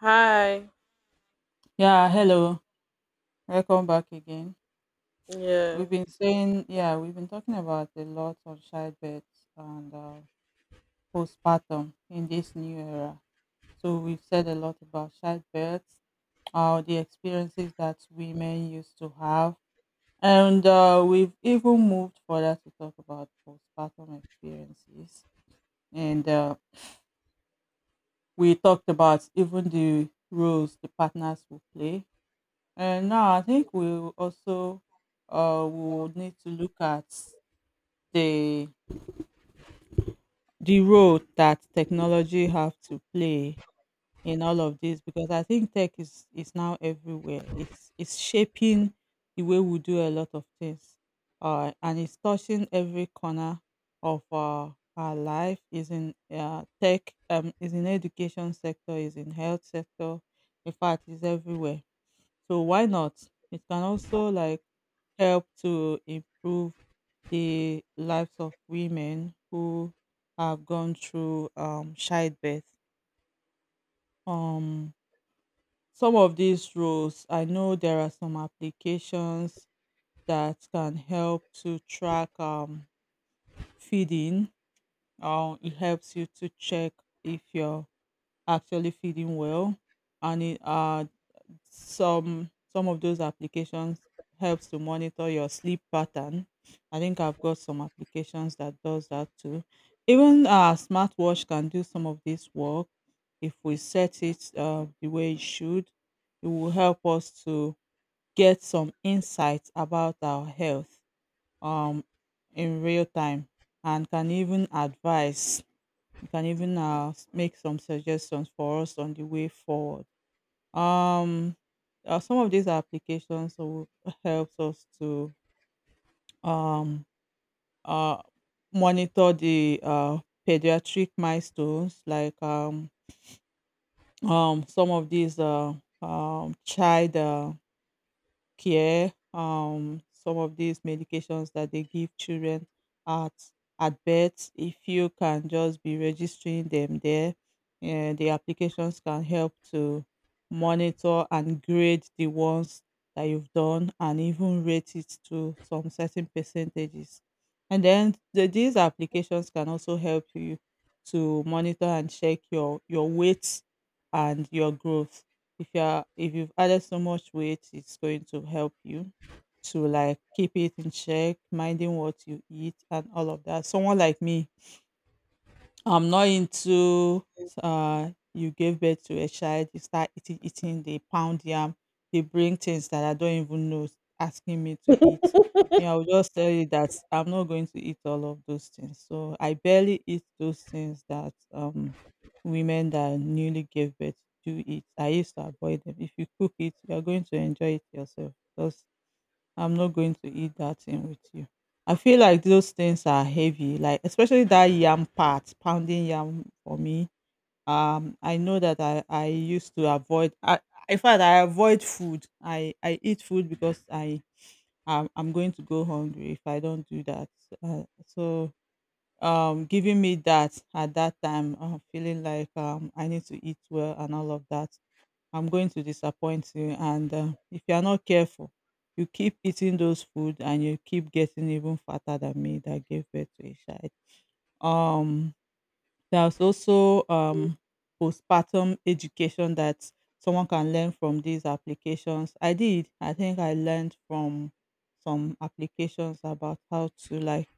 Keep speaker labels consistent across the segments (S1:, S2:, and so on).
S1: Hi.
S2: Yeah, hello. Welcome back again.
S1: Yeah.
S2: We've been saying, yeah, we've been talking about a lot on childbirth and postpartum in this new era. So we've said a lot about childbirth, the experiences that women used to have, and we've even moved further to talk about postpartum experiences. And We talked about even the roles the partners will play. And now I think we will also would need to look at the the role that technology have to play in all of this because I think tech is now everywhere. It's shaping the way we do a lot of things, and it's touching every corner of our life. Is in tech, is in education sector, is in health sector. In fact, is everywhere, so why not? It can also like help to improve the lives of women who have gone through childbirth. Um, some of these roles, I know there are some applications that can help to track feeding. It helps you to check if you're actually feeding well, and it some of those applications helps to monitor your sleep pattern. I think I've got some applications that does that too. Even our smartwatch can do some of this work. If we set it the way it should, it will help us to get some insights about our health, um, in real time, and can even advise. It can even make some suggestions for us on the way forward. um, some of these applications will helps us to um uh monitor the pediatric milestones, like some of these child care. Some of these medications that they give children at at birth, if you can just be registering them there, and the applications can help to monitor and grade the ones that you've done and even rate it to some certain percentages. And then these applications can also help you to monitor and check your weight and your growth. If you are, if you've added so much weight, it's going to help you to like keep it in check, minding what you eat and all of that. Someone like me, I'm not into, you gave birth to a child, you start eating, they pound yam, they bring things that I don't even know, asking me to eat. Me, I will just tell you that I'm not going to eat all of those things. So I barely eat those things that women that newly gave birth do eat. I used to avoid them. If you cook it, you're going to enjoy it yourself. Just, I'm not going to eat that thing with you. I feel like those things are heavy, like especially that yam part, pounding yam for me. I know that I used to avoid. I, in fact, I avoid food. I eat food because I'm going to go hungry if I don't do that. So giving me that at that time, I'm feeling like I need to eat well and all of that, I'm going to disappoint you. And if you're not careful, you keep eating those food and you keep getting even fatter than me that gave birth to a child. Um, there's also postpartum education that someone can learn from these applications. I did. I think I learned from some applications about how to like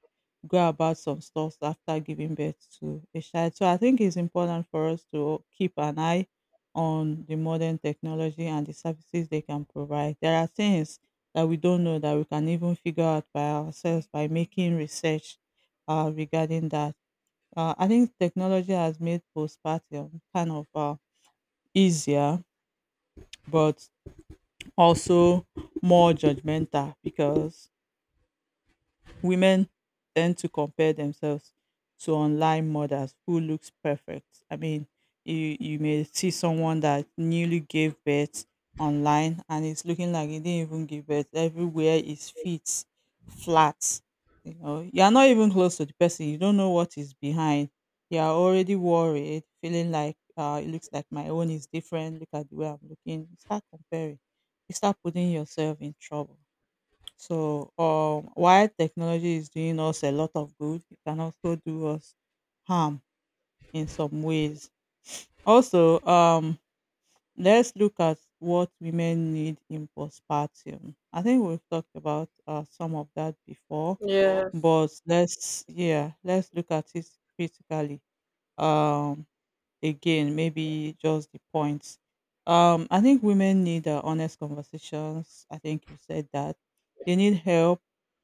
S2: go about some stuff after giving birth to a child. So I think it's important for us to keep an eye on the modern technology and the services they can provide. There are things that we don't know that we can even figure out by ourselves by making research regarding that. I think technology has made postpartum kind of easier, but also more judgmental because women tend to compare themselves to online mothers who looks perfect. I mean, you may see someone that newly gave birth online and it's looking like he didn't even give birth. Everywhere is fit, flat. You know, you are not even close to the person. You don't know what is behind. You are already worried, feeling like it looks like my own is different. Look at the way I'm looking. You start comparing. You start putting yourself in trouble. So, while technology is doing us a lot of good, it can also do us harm in some ways. Also, let's look at what women need in postpartum. I think we've talked about some of that before,
S1: Yes.
S2: but let's, yeah, let's look at it critically. Um, Again, maybe just the points. I think women need honest conversations. I think you said that. They need help,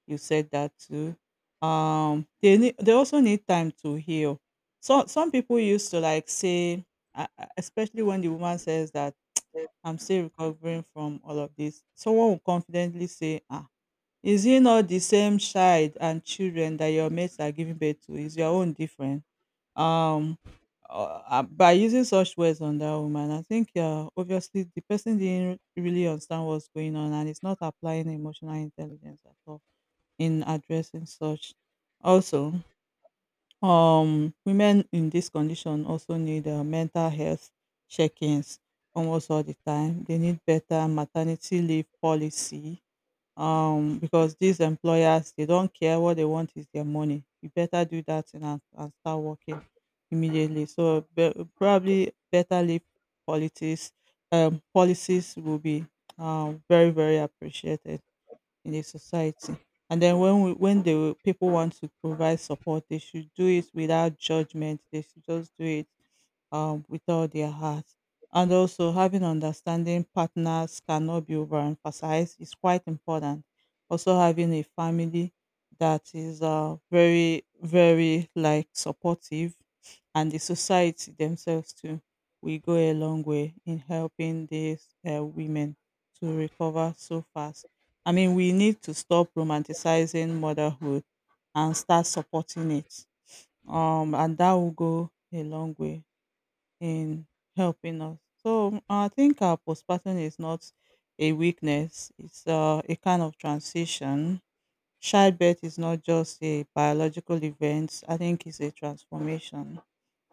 S2: you said that too. They need, they also need time to heal. So some people used to like say, especially when the woman says that I'm still recovering from all of this, someone will confidently say, ah, is it not the same child and children that your mates are giving birth to? Is your own different? Um, by using such words on that woman, I think obviously the person didn't really understand what's going on and it's not applying emotional intelligence at all in addressing such. Also, women in this condition also need mental health check ins almost all the time. They need better maternity leave policy, because these employers, they don't care, what they want is their money. You better do that thing and start working immediately. So probably better leave politics, policies will be very, very appreciated in the society. And then when the people want to provide support, they should do it without judgment. They should just do it with all their heart. And also, having understanding partners cannot be overemphasized. It's quite important. Also, having a family that is very, very like supportive, and the society themselves too, will go a long way in helping these women to recover so fast. I mean, we need to stop romanticizing motherhood and start supporting it. And that will go a long way in helping us. So I think our postpartum is not a weakness; it's a kind of transition. Childbirth is not just a biological event. I think it's a transformation.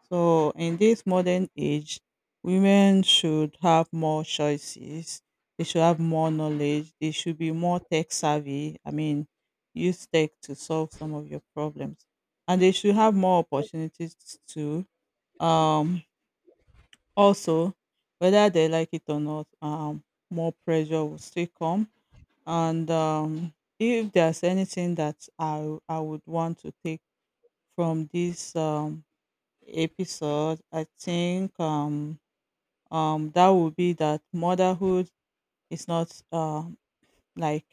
S2: So in this modern age, women should have more choices. They should have more knowledge. They should be more tech savvy. I mean, use tech to solve some of your problems, and they should have more opportunities to um also, whether they like it or not, more pressure will still come. And If there's anything that I would want to take from this episode, I think that would be that motherhood is not like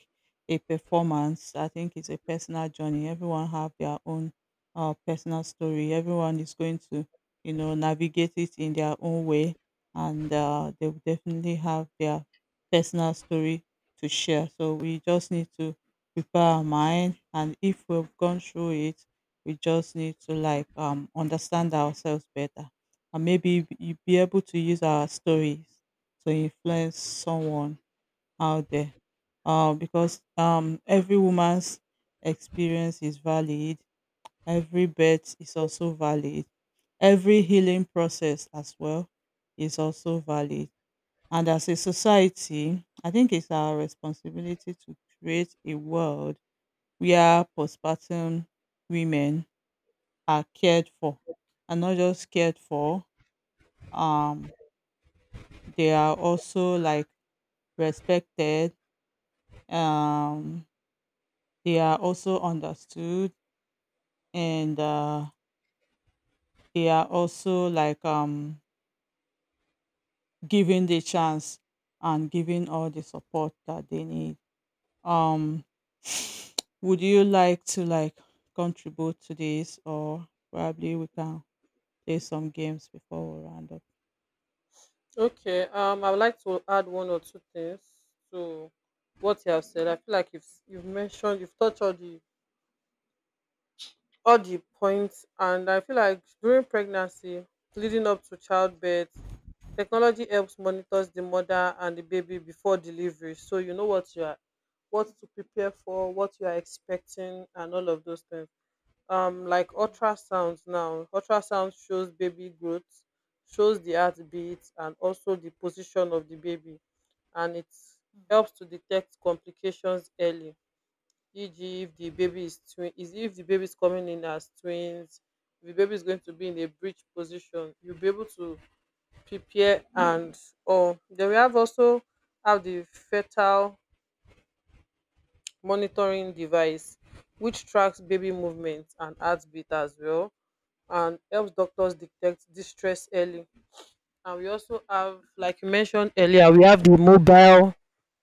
S2: a performance. I think it's a personal journey. Everyone have their own personal story. Everyone is going to, you know, navigate it in their own way, and they will definitely have their personal story to share. So we just need to prepare our mind, and if we've gone through it, we just need to like understand ourselves better, and maybe you be able to use our stories to influence someone out there, because every woman's experience is valid, every birth is also valid, every healing process as well is also valid. And as a society, I think it's our responsibility to create a world where postpartum women are cared for, and not just cared for, um, they are also like respected. Um, they are also understood, and they are also like given the chance and given all the support that they need. um would you like to like contribute to this, or probably we can play some games before we round up?
S1: Okay. I would like to add one or two things to what you have said. I feel like you've mentioned you've touched all the points, and I feel like during pregnancy, leading up to childbirth, technology helps monitors the mother and the baby before delivery, so you know what you are, what to prepare for, what you are expecting, and all of those things. Like ultrasound, now ultrasound shows baby growth, shows the heartbeat and also the position of the baby, and it helps to detect complications early, e.g. if the baby is twin is if the baby is coming in as twins, if the baby is going to be in a breech position, you'll be able to prepare. And or then we have also have the fetal monitoring device, which tracks baby movement and heartbeat as well, and helps doctors detect distress early. And we also have, like you mentioned earlier, we have the mobile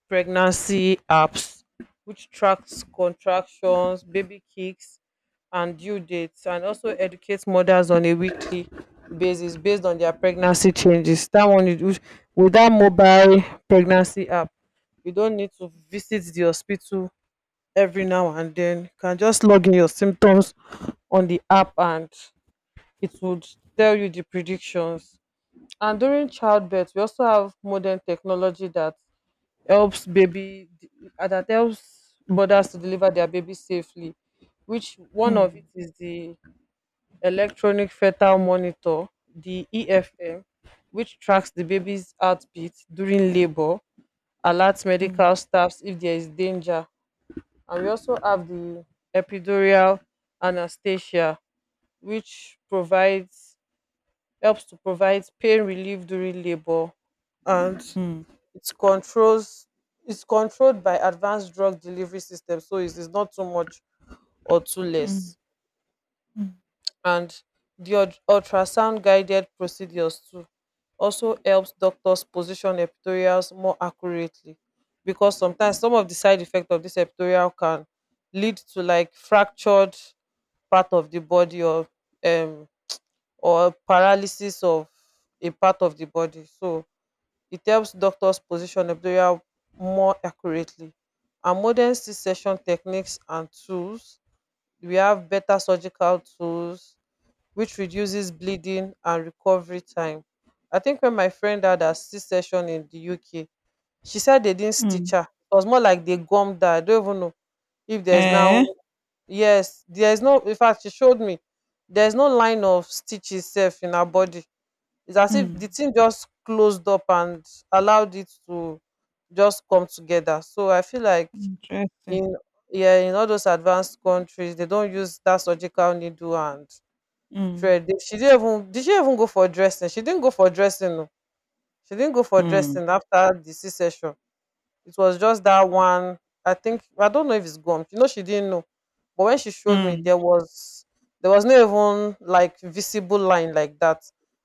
S1: pregnancy apps, which tracks contractions, baby kicks, and due dates, and also educates mothers on a weekly basis based on their pregnancy changes. That one, you do, with that mobile pregnancy app, you don't need to visit the hospital every now and then. You can just log in your symptoms on the app and it would tell you the predictions. And during childbirth, we also have modern technology that helps baby, that helps mothers to deliver their baby safely. Which one of it
S2: Mm,
S1: is the electronic fetal monitor, the EFM, which tracks the baby's heartbeat during labor, alerts
S2: mm,
S1: medical staffs if there is danger, and we also have the epidural anesthesia, which provides helps to provide pain relief during labor, and
S2: mm,
S1: it controls it's controlled by advanced drug delivery system, so it is not too much or too
S2: mm,
S1: less.
S2: mm,
S1: And the ultrasound guided procedures too also helps doctors position epithelials more accurately, because sometimes some of the side effects of this epithelial can lead to like fractured part of the body, um or paralysis of a part of the body. So it helps doctors position embryos more accurately. And modern C-section techniques and tools, we have better surgical tools, which reduces bleeding and recovery time. I think when my friend had a C-section in the UK, she said they didn't stitch
S2: mm.
S1: her. It was more like they gummed her. I don't even know if there's now,
S2: Eh.
S1: yes, there's no, in fact, she showed me, there's no line of stitches safe in her body. It's as if the
S2: Mm.
S1: team just closed up and allowed it to just come together. So I feel like
S2: Interesting.
S1: in, yeah, in all those advanced countries, they don't use that surgical needle and
S2: Mm,
S1: thread. They, she didn't even, did she even go for dressing? She didn't go for dressing. No. She didn't go for
S2: mm.
S1: dressing after the C section. It was just that one. I think I don't know if it's gone. You know, she didn't know. But when she showed me,
S2: Mm.
S1: there was no even like visible line like that.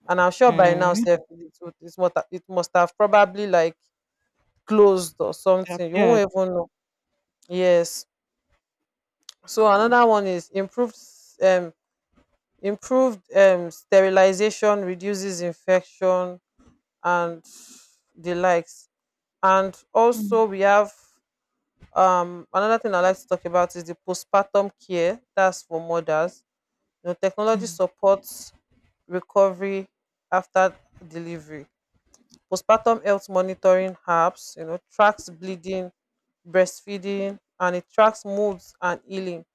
S1: And I'm sure by now,
S2: Eh.
S1: sef, it, would- it must ha- it must have probably like closed or something. You
S2: Disappeared.
S1: won't even know. Yes. So another one is um improved sterilization reduces infection and the likes. And also
S2: Mm,
S1: we have. Another thing I like to talk about is the postpartum care. That's for mothers. You know, technology
S2: mm,
S1: supports recovery after delivery. Postpartum health monitoring apps, you know, tracks bleeding, breastfeeding, and it tracks moods and healing.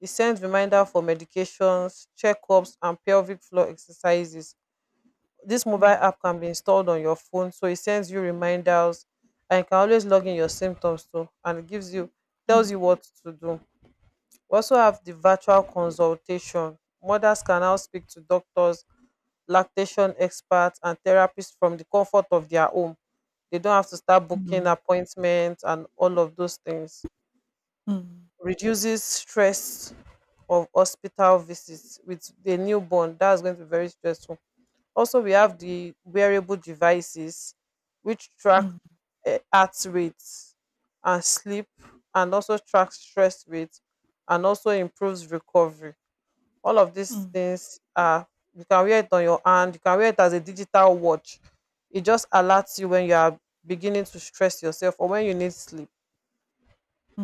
S1: It sends reminder for medications, checkups, and pelvic floor exercises. This mobile app can be installed on your phone, so it sends you reminders, and you can always log in your symptoms too, and it gives you
S2: mm.
S1: tells you what to do. We also have the virtual consultation. Mothers can now speak to doctors, lactation experts, and therapists from the comfort of their home. They don't have to start booking
S2: Mm.
S1: appointments and all of those things.
S2: Mm,
S1: Reduces stress of hospital visits with the newborn. That's going to be very stressful. Also, we have the wearable devices which track
S2: mm,
S1: heart rates and sleep, and also track stress rates and also improves recovery. All of these
S2: mm,
S1: things are you can wear it on your hand, you can wear it as a digital watch. It just alerts you when you are beginning to stress yourself or when you need sleep.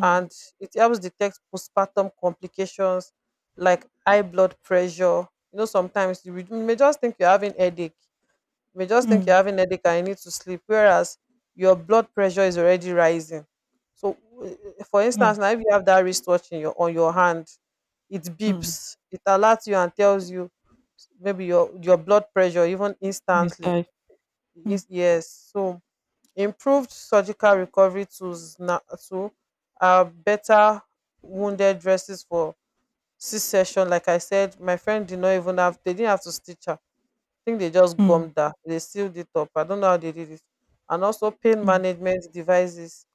S1: And it helps detect postpartum complications like high blood pressure. You know, sometimes you may just think you're having headache, you may just think you're
S2: mm,
S1: having headache and you need to sleep, whereas your blood pressure is already rising. So, for
S2: yeah,
S1: instance now, if you have that wristwatch in your on your hand, it
S2: mm.
S1: beeps, it alerts you and tells you maybe your blood pressure even
S2: Nice
S1: instantly.
S2: dive. Mm,
S1: Yes, yes. So improved surgical recovery tools now too are better wounded dresses for C-section. Like I said, my friend did not even have they didn't have to stitch her. I think they just
S2: mm,
S1: gummed her. They sealed it up. I don't know how they did it. And also pain
S2: mm,
S1: management devices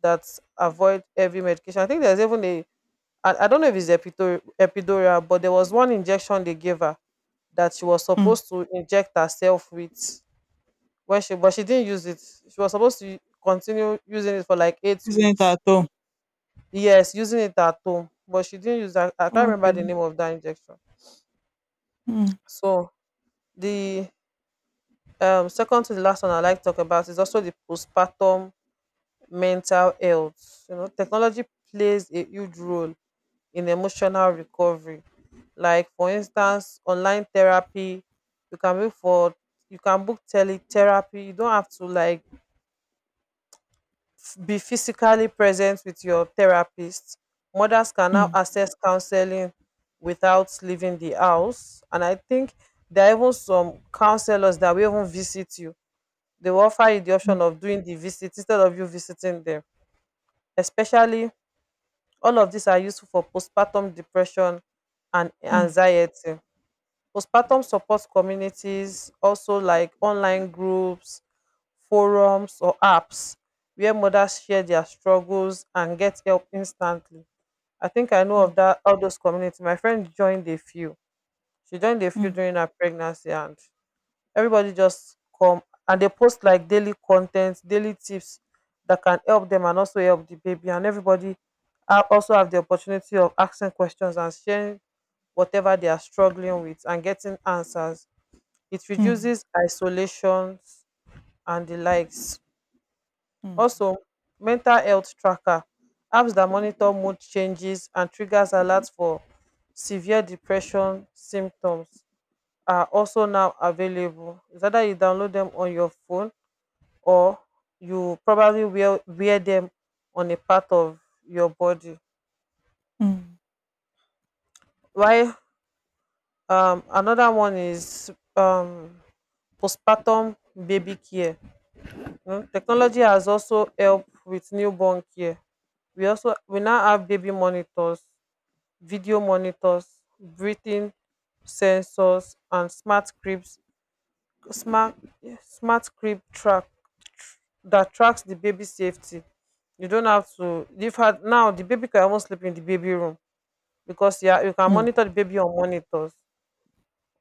S1: that avoid heavy medication. I think there's even a I don't know if it's epidural but there was one injection they gave her that she was
S2: mm.
S1: supposed to inject herself with when she but she didn't use it. She was supposed to continue using it for like eight
S2: Isn't
S1: weeks.
S2: at home.
S1: Yes, using it at home, but she didn't use that. I can't remember the
S2: Okay.
S1: name of that injection.
S2: Mm,
S1: So the second to the last one I like to talk about is also the postpartum mental health. You know, technology plays a huge role in emotional recovery. Like for instance, online therapy, you can book for you can book teletherapy. You don't have to like be physically present with your therapist. Mothers can now
S2: mm,
S1: access counseling without leaving the house. And I think there are even some counselors that will even visit you. They will offer you the
S2: mm,
S1: option of doing the visit instead of you visiting them. Especially all of these are useful for postpartum depression and
S2: mm,
S1: anxiety. Postpartum support communities also like online groups, forums, or apps where mothers share their struggles and get help instantly. I think I know
S2: mm,
S1: of that all those communities. My friend joined a few. She joined a few
S2: mm,
S1: during her pregnancy, and everybody just come and they post like daily content, daily tips that can help them and also help the baby, and everybody also have the opportunity of asking questions and sharing whatever they are struggling with and getting answers. It
S2: mm,
S1: reduces isolations and the likes.
S2: mm,
S1: Also, mental health tracker apps that monitor mood changes and triggers alerts for severe depression symptoms are also now available. It's either you download them on your phone or you probably wear them on a part of your body.
S2: mm,
S1: Why? Another one is postpartum baby care. Technology has also helped with newborn care. We now have baby monitors, video monitors, breathing sensors, and smart cribs. Smart, yeah, smart crib track, that tracks the baby safety. You don't have to leave her now, the baby can even sleep in the baby room because, yeah, you can monitor
S2: mm,
S1: the baby on monitors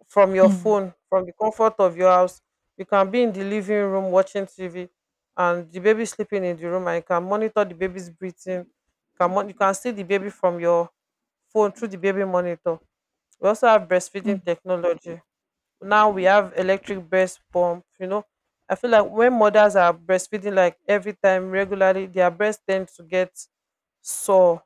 S1: from your
S2: mm,
S1: phone, from the comfort of your house. You can be in the living room watching TV and the baby sleeping in the room, and you can monitor the baby's breathing. You you can see the baby from your phone through the baby monitor. We also have
S2: mm,
S1: breastfeeding technology. Now we have electric breast pump, you know. I feel like when mothers are breastfeeding like every time regularly, their breast tend to get sore,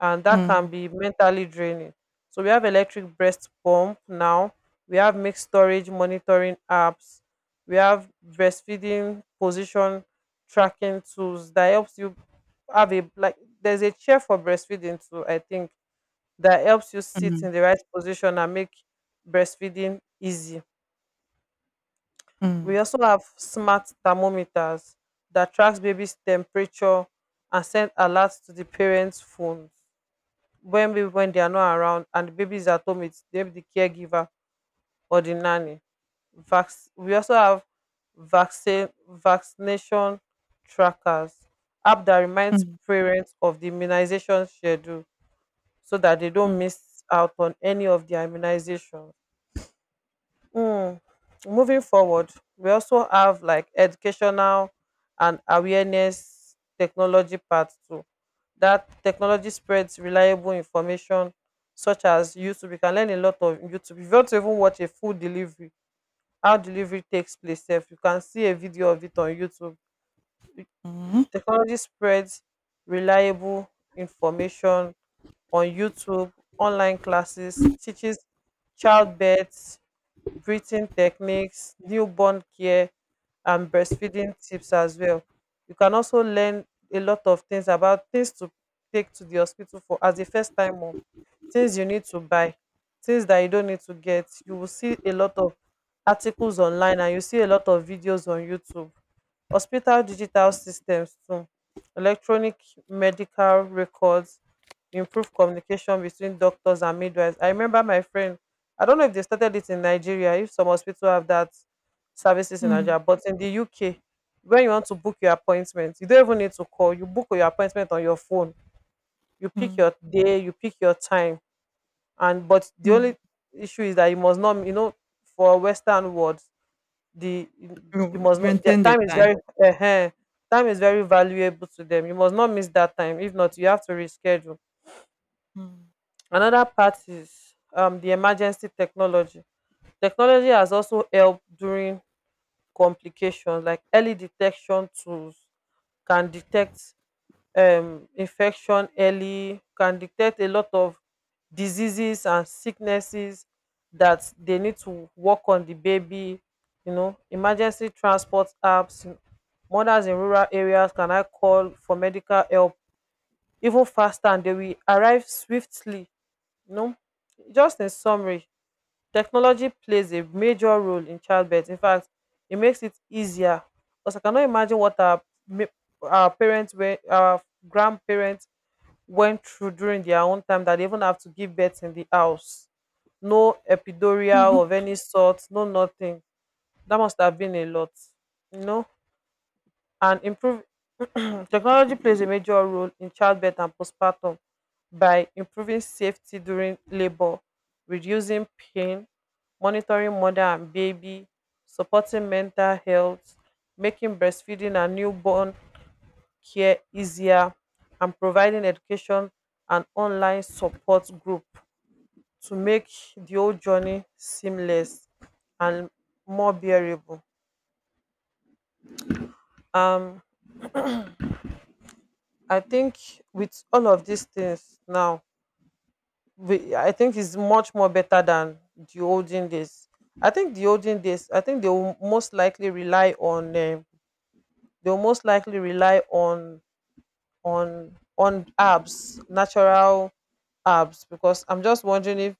S1: and that can
S2: mm,
S1: be mentally draining. So we have electric breast pump now. We have milk storage monitoring apps. We have breastfeeding position tracking tools that helps you have a like there's a chair for breastfeeding too, I think, that helps you
S2: mm, mm,
S1: sit
S2: mm,
S1: in the right position and make breastfeeding easy. We also have smart thermometers that tracks baby's temperature and send alerts to the parents' phones when maybe when they are not around and the babies at home it's maybe the caregiver or the nanny. Vax. We also have vaccine vaccination trackers app that reminds
S2: mm,
S1: parents of the immunization schedule so that they don't
S2: mm,
S1: miss out on any of their immunization. Mm. Moving forward, we also have like educational and awareness technology part too, that technology spreads reliable information such as YouTube. You can learn a lot of YouTube. If you want to even watch a food delivery, how delivery takes place, sef, you can see a video of it on YouTube.
S2: mm,
S1: Technology spreads reliable information on YouTube, online classes, teaches childbirth, breathing techniques, newborn care, and breastfeeding tips as well. You can also learn a lot of things about things to take to the hospital for as a first time mom, things you need to buy, things that you don't need to get. You will see a lot of articles online and you see a lot of videos on YouTube. Hospital digital systems too, electronic medical records improve communication between doctors and midwives. I remember my friend, I don't know if they started it in Nigeria, if some hospital have that services in Nigeria, but in the UK, when you want to book your appointment, you don't even need to call. You book your appointment on your phone. You pick
S2: mm,
S1: your day, you pick your time, and but the only
S2: mm.
S1: issue is that you must not, you know, for Western world the you
S2: You
S1: must not their
S2: maintain the
S1: time is
S2: time.
S1: very ehen, time is very valuable to them. You must not miss that time, if not you have to reschedule. Another part is the emergency technology. Technology has also helped during complications like early detection tools can detect infection early, can detect a lot of diseases and sicknesses that they need to work on the baby. You know, emergency transport apps, you know, mothers in rural areas can I call for medical help even faster and they will arrive swiftly. You know, just in summary, technology plays a major role in childbirth. In fact, it makes it easier because I cannot imagine what our ma- our parents were, our grandparents went through during their own time that they even have to give birth in the house. No
S2: Mm.
S1: epidural of any sort, no nothing. That must have been a lot, you know. And improve technology plays a major role in childbirth and postpartum by improving safety during labor, reducing pain, monitoring mother and baby, supporting mental health, making breastfeeding and newborn care easier, and providing education and online support group to make the whole journey seamless and more bearable. Um, I think with all of these things now, I think it's much more better than the olden days. I think the olden days, I think they will most likely rely on, they will most likely rely on herbs, natural herbs, because I'm just wondering if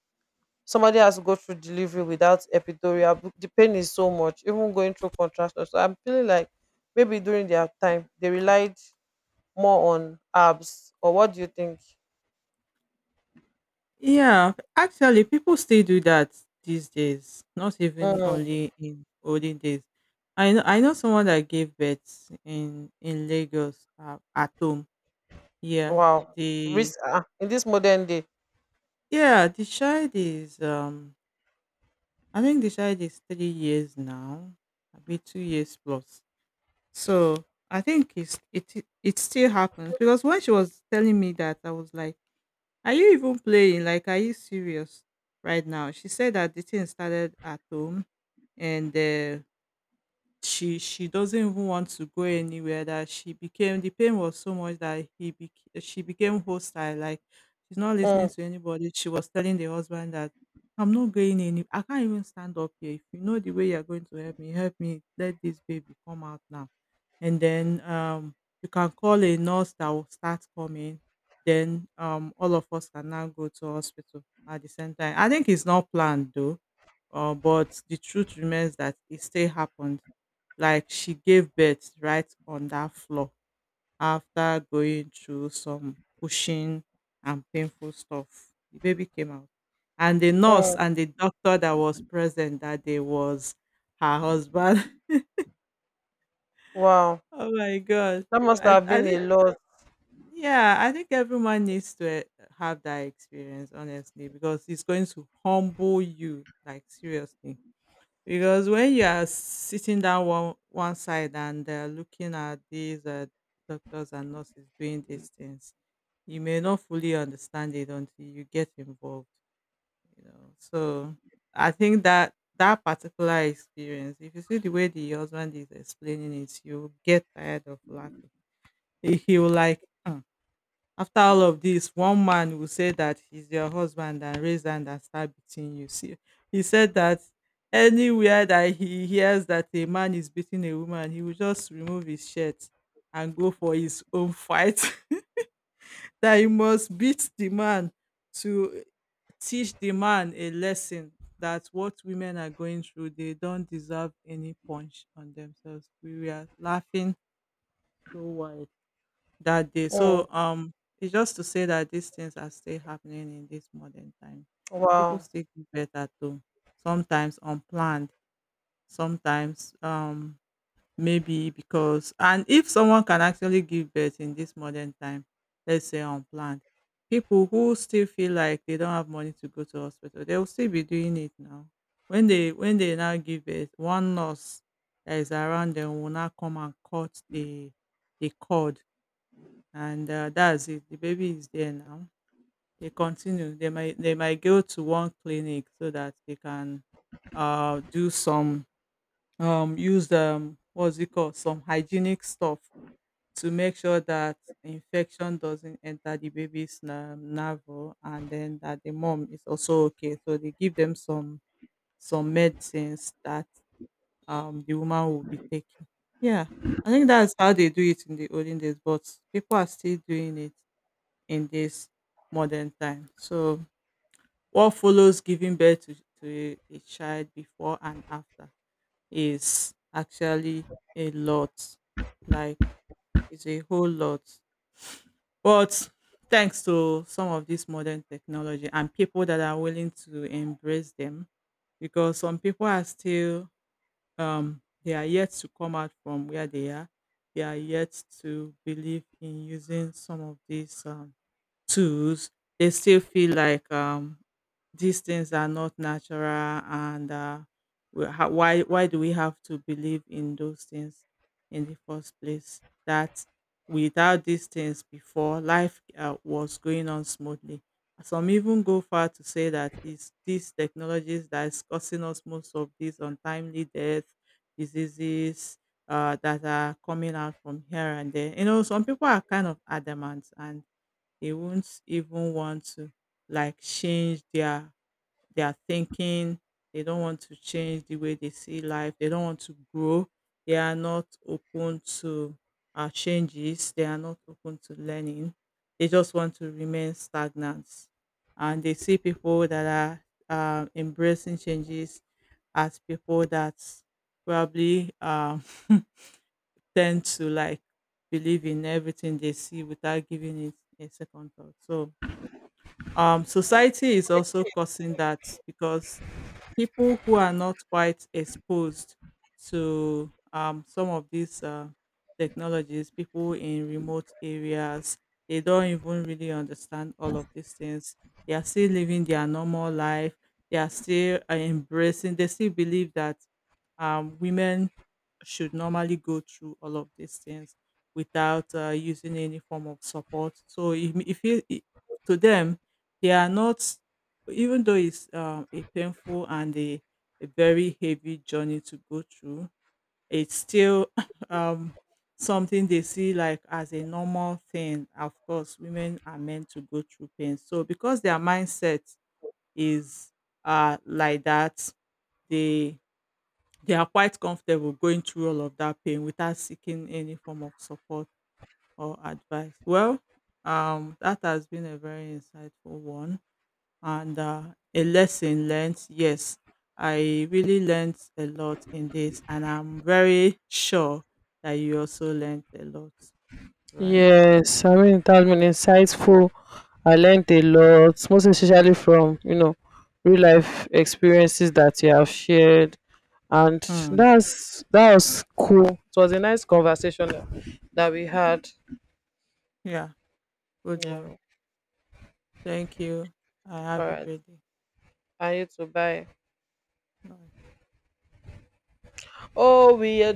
S1: somebody has to go through delivery without epidural, the pain is so much even going through contractions, so I'm feeling like maybe during their time they relied more on abs. Or what do you think?
S2: Yeah, actually, people still do that these days. Not even
S1: Mm.
S2: only in olden days. I know someone that gave birth in Lagos at home. Yeah,
S1: Wow.
S2: the
S1: Risk. Ah, in this modern day.
S2: yeah, the child is I think the child is 3 years now, maybe 2 years plus. So I think it still happens because when she was telling me that, I was like, "Are you even playing? Like, are you serious right now?" She said that the thing started at home, and she doesn't even want to go anywhere. That she became, the pain was so much that she became hostile. Like, she's not
S1: Mm,
S2: listening to anybody. She was telling the husband that. "I'm not going any. I can't even stand up here. If you know the way you're going to help me, help me. Let this baby come out now and then you can call a nurse that will start coming. Then all of us can now go to hospital at the same time." I think it's not planned though, but the truth remains that it still happened. Like she gave birth right on that floor after going through some pushing and painful stuff. The baby came out, and the nurse
S1: mm.
S2: and the doctor that was present that day was her husband.
S1: Wow,
S2: Oh my god!
S1: that must
S2: I
S1: have been a
S2: I
S1: lot.
S2: Yeah, I think everyone needs to have that experience, honestly, because it's going to humble you, like seriously. Because when you are sitting down one side and looking at these doctors and nurses doing these things, you may not fully understand it until you get involved. You know, so I think that particular experience, if you see the way the husband is explaining it, you get tired of laughing. He will like, "Hmm, after all of this, one man will say that he's your husband and raise hand and start beating you." See, he said that anywhere that he hears that a man is beating a woman, he will just remove his shirt and go for his own fight. That he must beat the man to teach the man a lesson, that what women are going through, they don't deserve any punch on themselves. We were laughing so wild that day. So
S1: Mm.
S2: it's just to say that these things are still happening in this modern time. People
S1: Wow.
S2: still give birth at home, sometimes unplanned, sometimes maybe because, and if someone can actually give birth in this modern time, let's say unplanned, people who still feel like they don't have money to go to hospital, they will still be doing it now. When they now give birth, one nurse that is around them will now come and cut the cord, and that's it. The baby is there now. They continue. They might go to one clinic so that they can do some, use what's it called, some hygienic stuff to make sure that infection doesn't enter the baby's navel, and then that the mom is also okay. So they give them some medicines that the woman will be taking. Yeah, I think that's how they do it in the olden days, but people are still doing it in this modern time. So, what follows giving birth to a child before and after is actually a lot. Like, it's a whole lot. But thanks to some of this modern technology and people that are willing to embrace them, because some people are still, they are yet to come out from where they are. They are yet to believe in using some of these tools. They still feel like these things are not natural, and how, why do we have to believe in those things in the first place? That without these things before, life was going on smoothly. Some even go far to say that it's these technologies that is causing us most of these untimely death, diseases that are coming out from here and there. You know, some people are kind of adamant, and they won't even want to like change their thinking. They don't want to change the way they see life. They don't want to grow. They are not open to changes. They are not open to learning. They just want to remain stagnant, and they see people that are embracing changes as people that probably tend to like believe in everything they see without giving it a second thought. So society is also causing that, because people who are not quite exposed to some of these technologies, people in remote areas, they don't even really understand all of these things. They are still living their normal life. They are still embracing. They still believe that women should normally go through all of these things without using any form of support. So if you, I- to them, they are not, even though it's a painful and a very heavy journey to go through, it's still um, something they see like as a normal thing. Of course, women are meant to go through pain. So because their mindset is like that, they they are quite comfortable going through all of that pain without seeking any form of support or advice. Well, that has been a very insightful one, and a lesson learned. Yes, I really learned a lot in this, and I'm very sure that you also learned a lot, right?
S1: Yes, I mean it has been insightful. I learned a lot, most especially from, you know, real life experiences that you have shared, and
S2: Hmm.
S1: that's that was cool. It was a nice conversation that that we had.
S2: Yeah, good one.
S1: Yeah.
S2: Thank you. I
S1: All
S2: have a
S1: right.
S2: great day.
S1: And you too. Bye.
S2: Bye.
S1: Oh, we are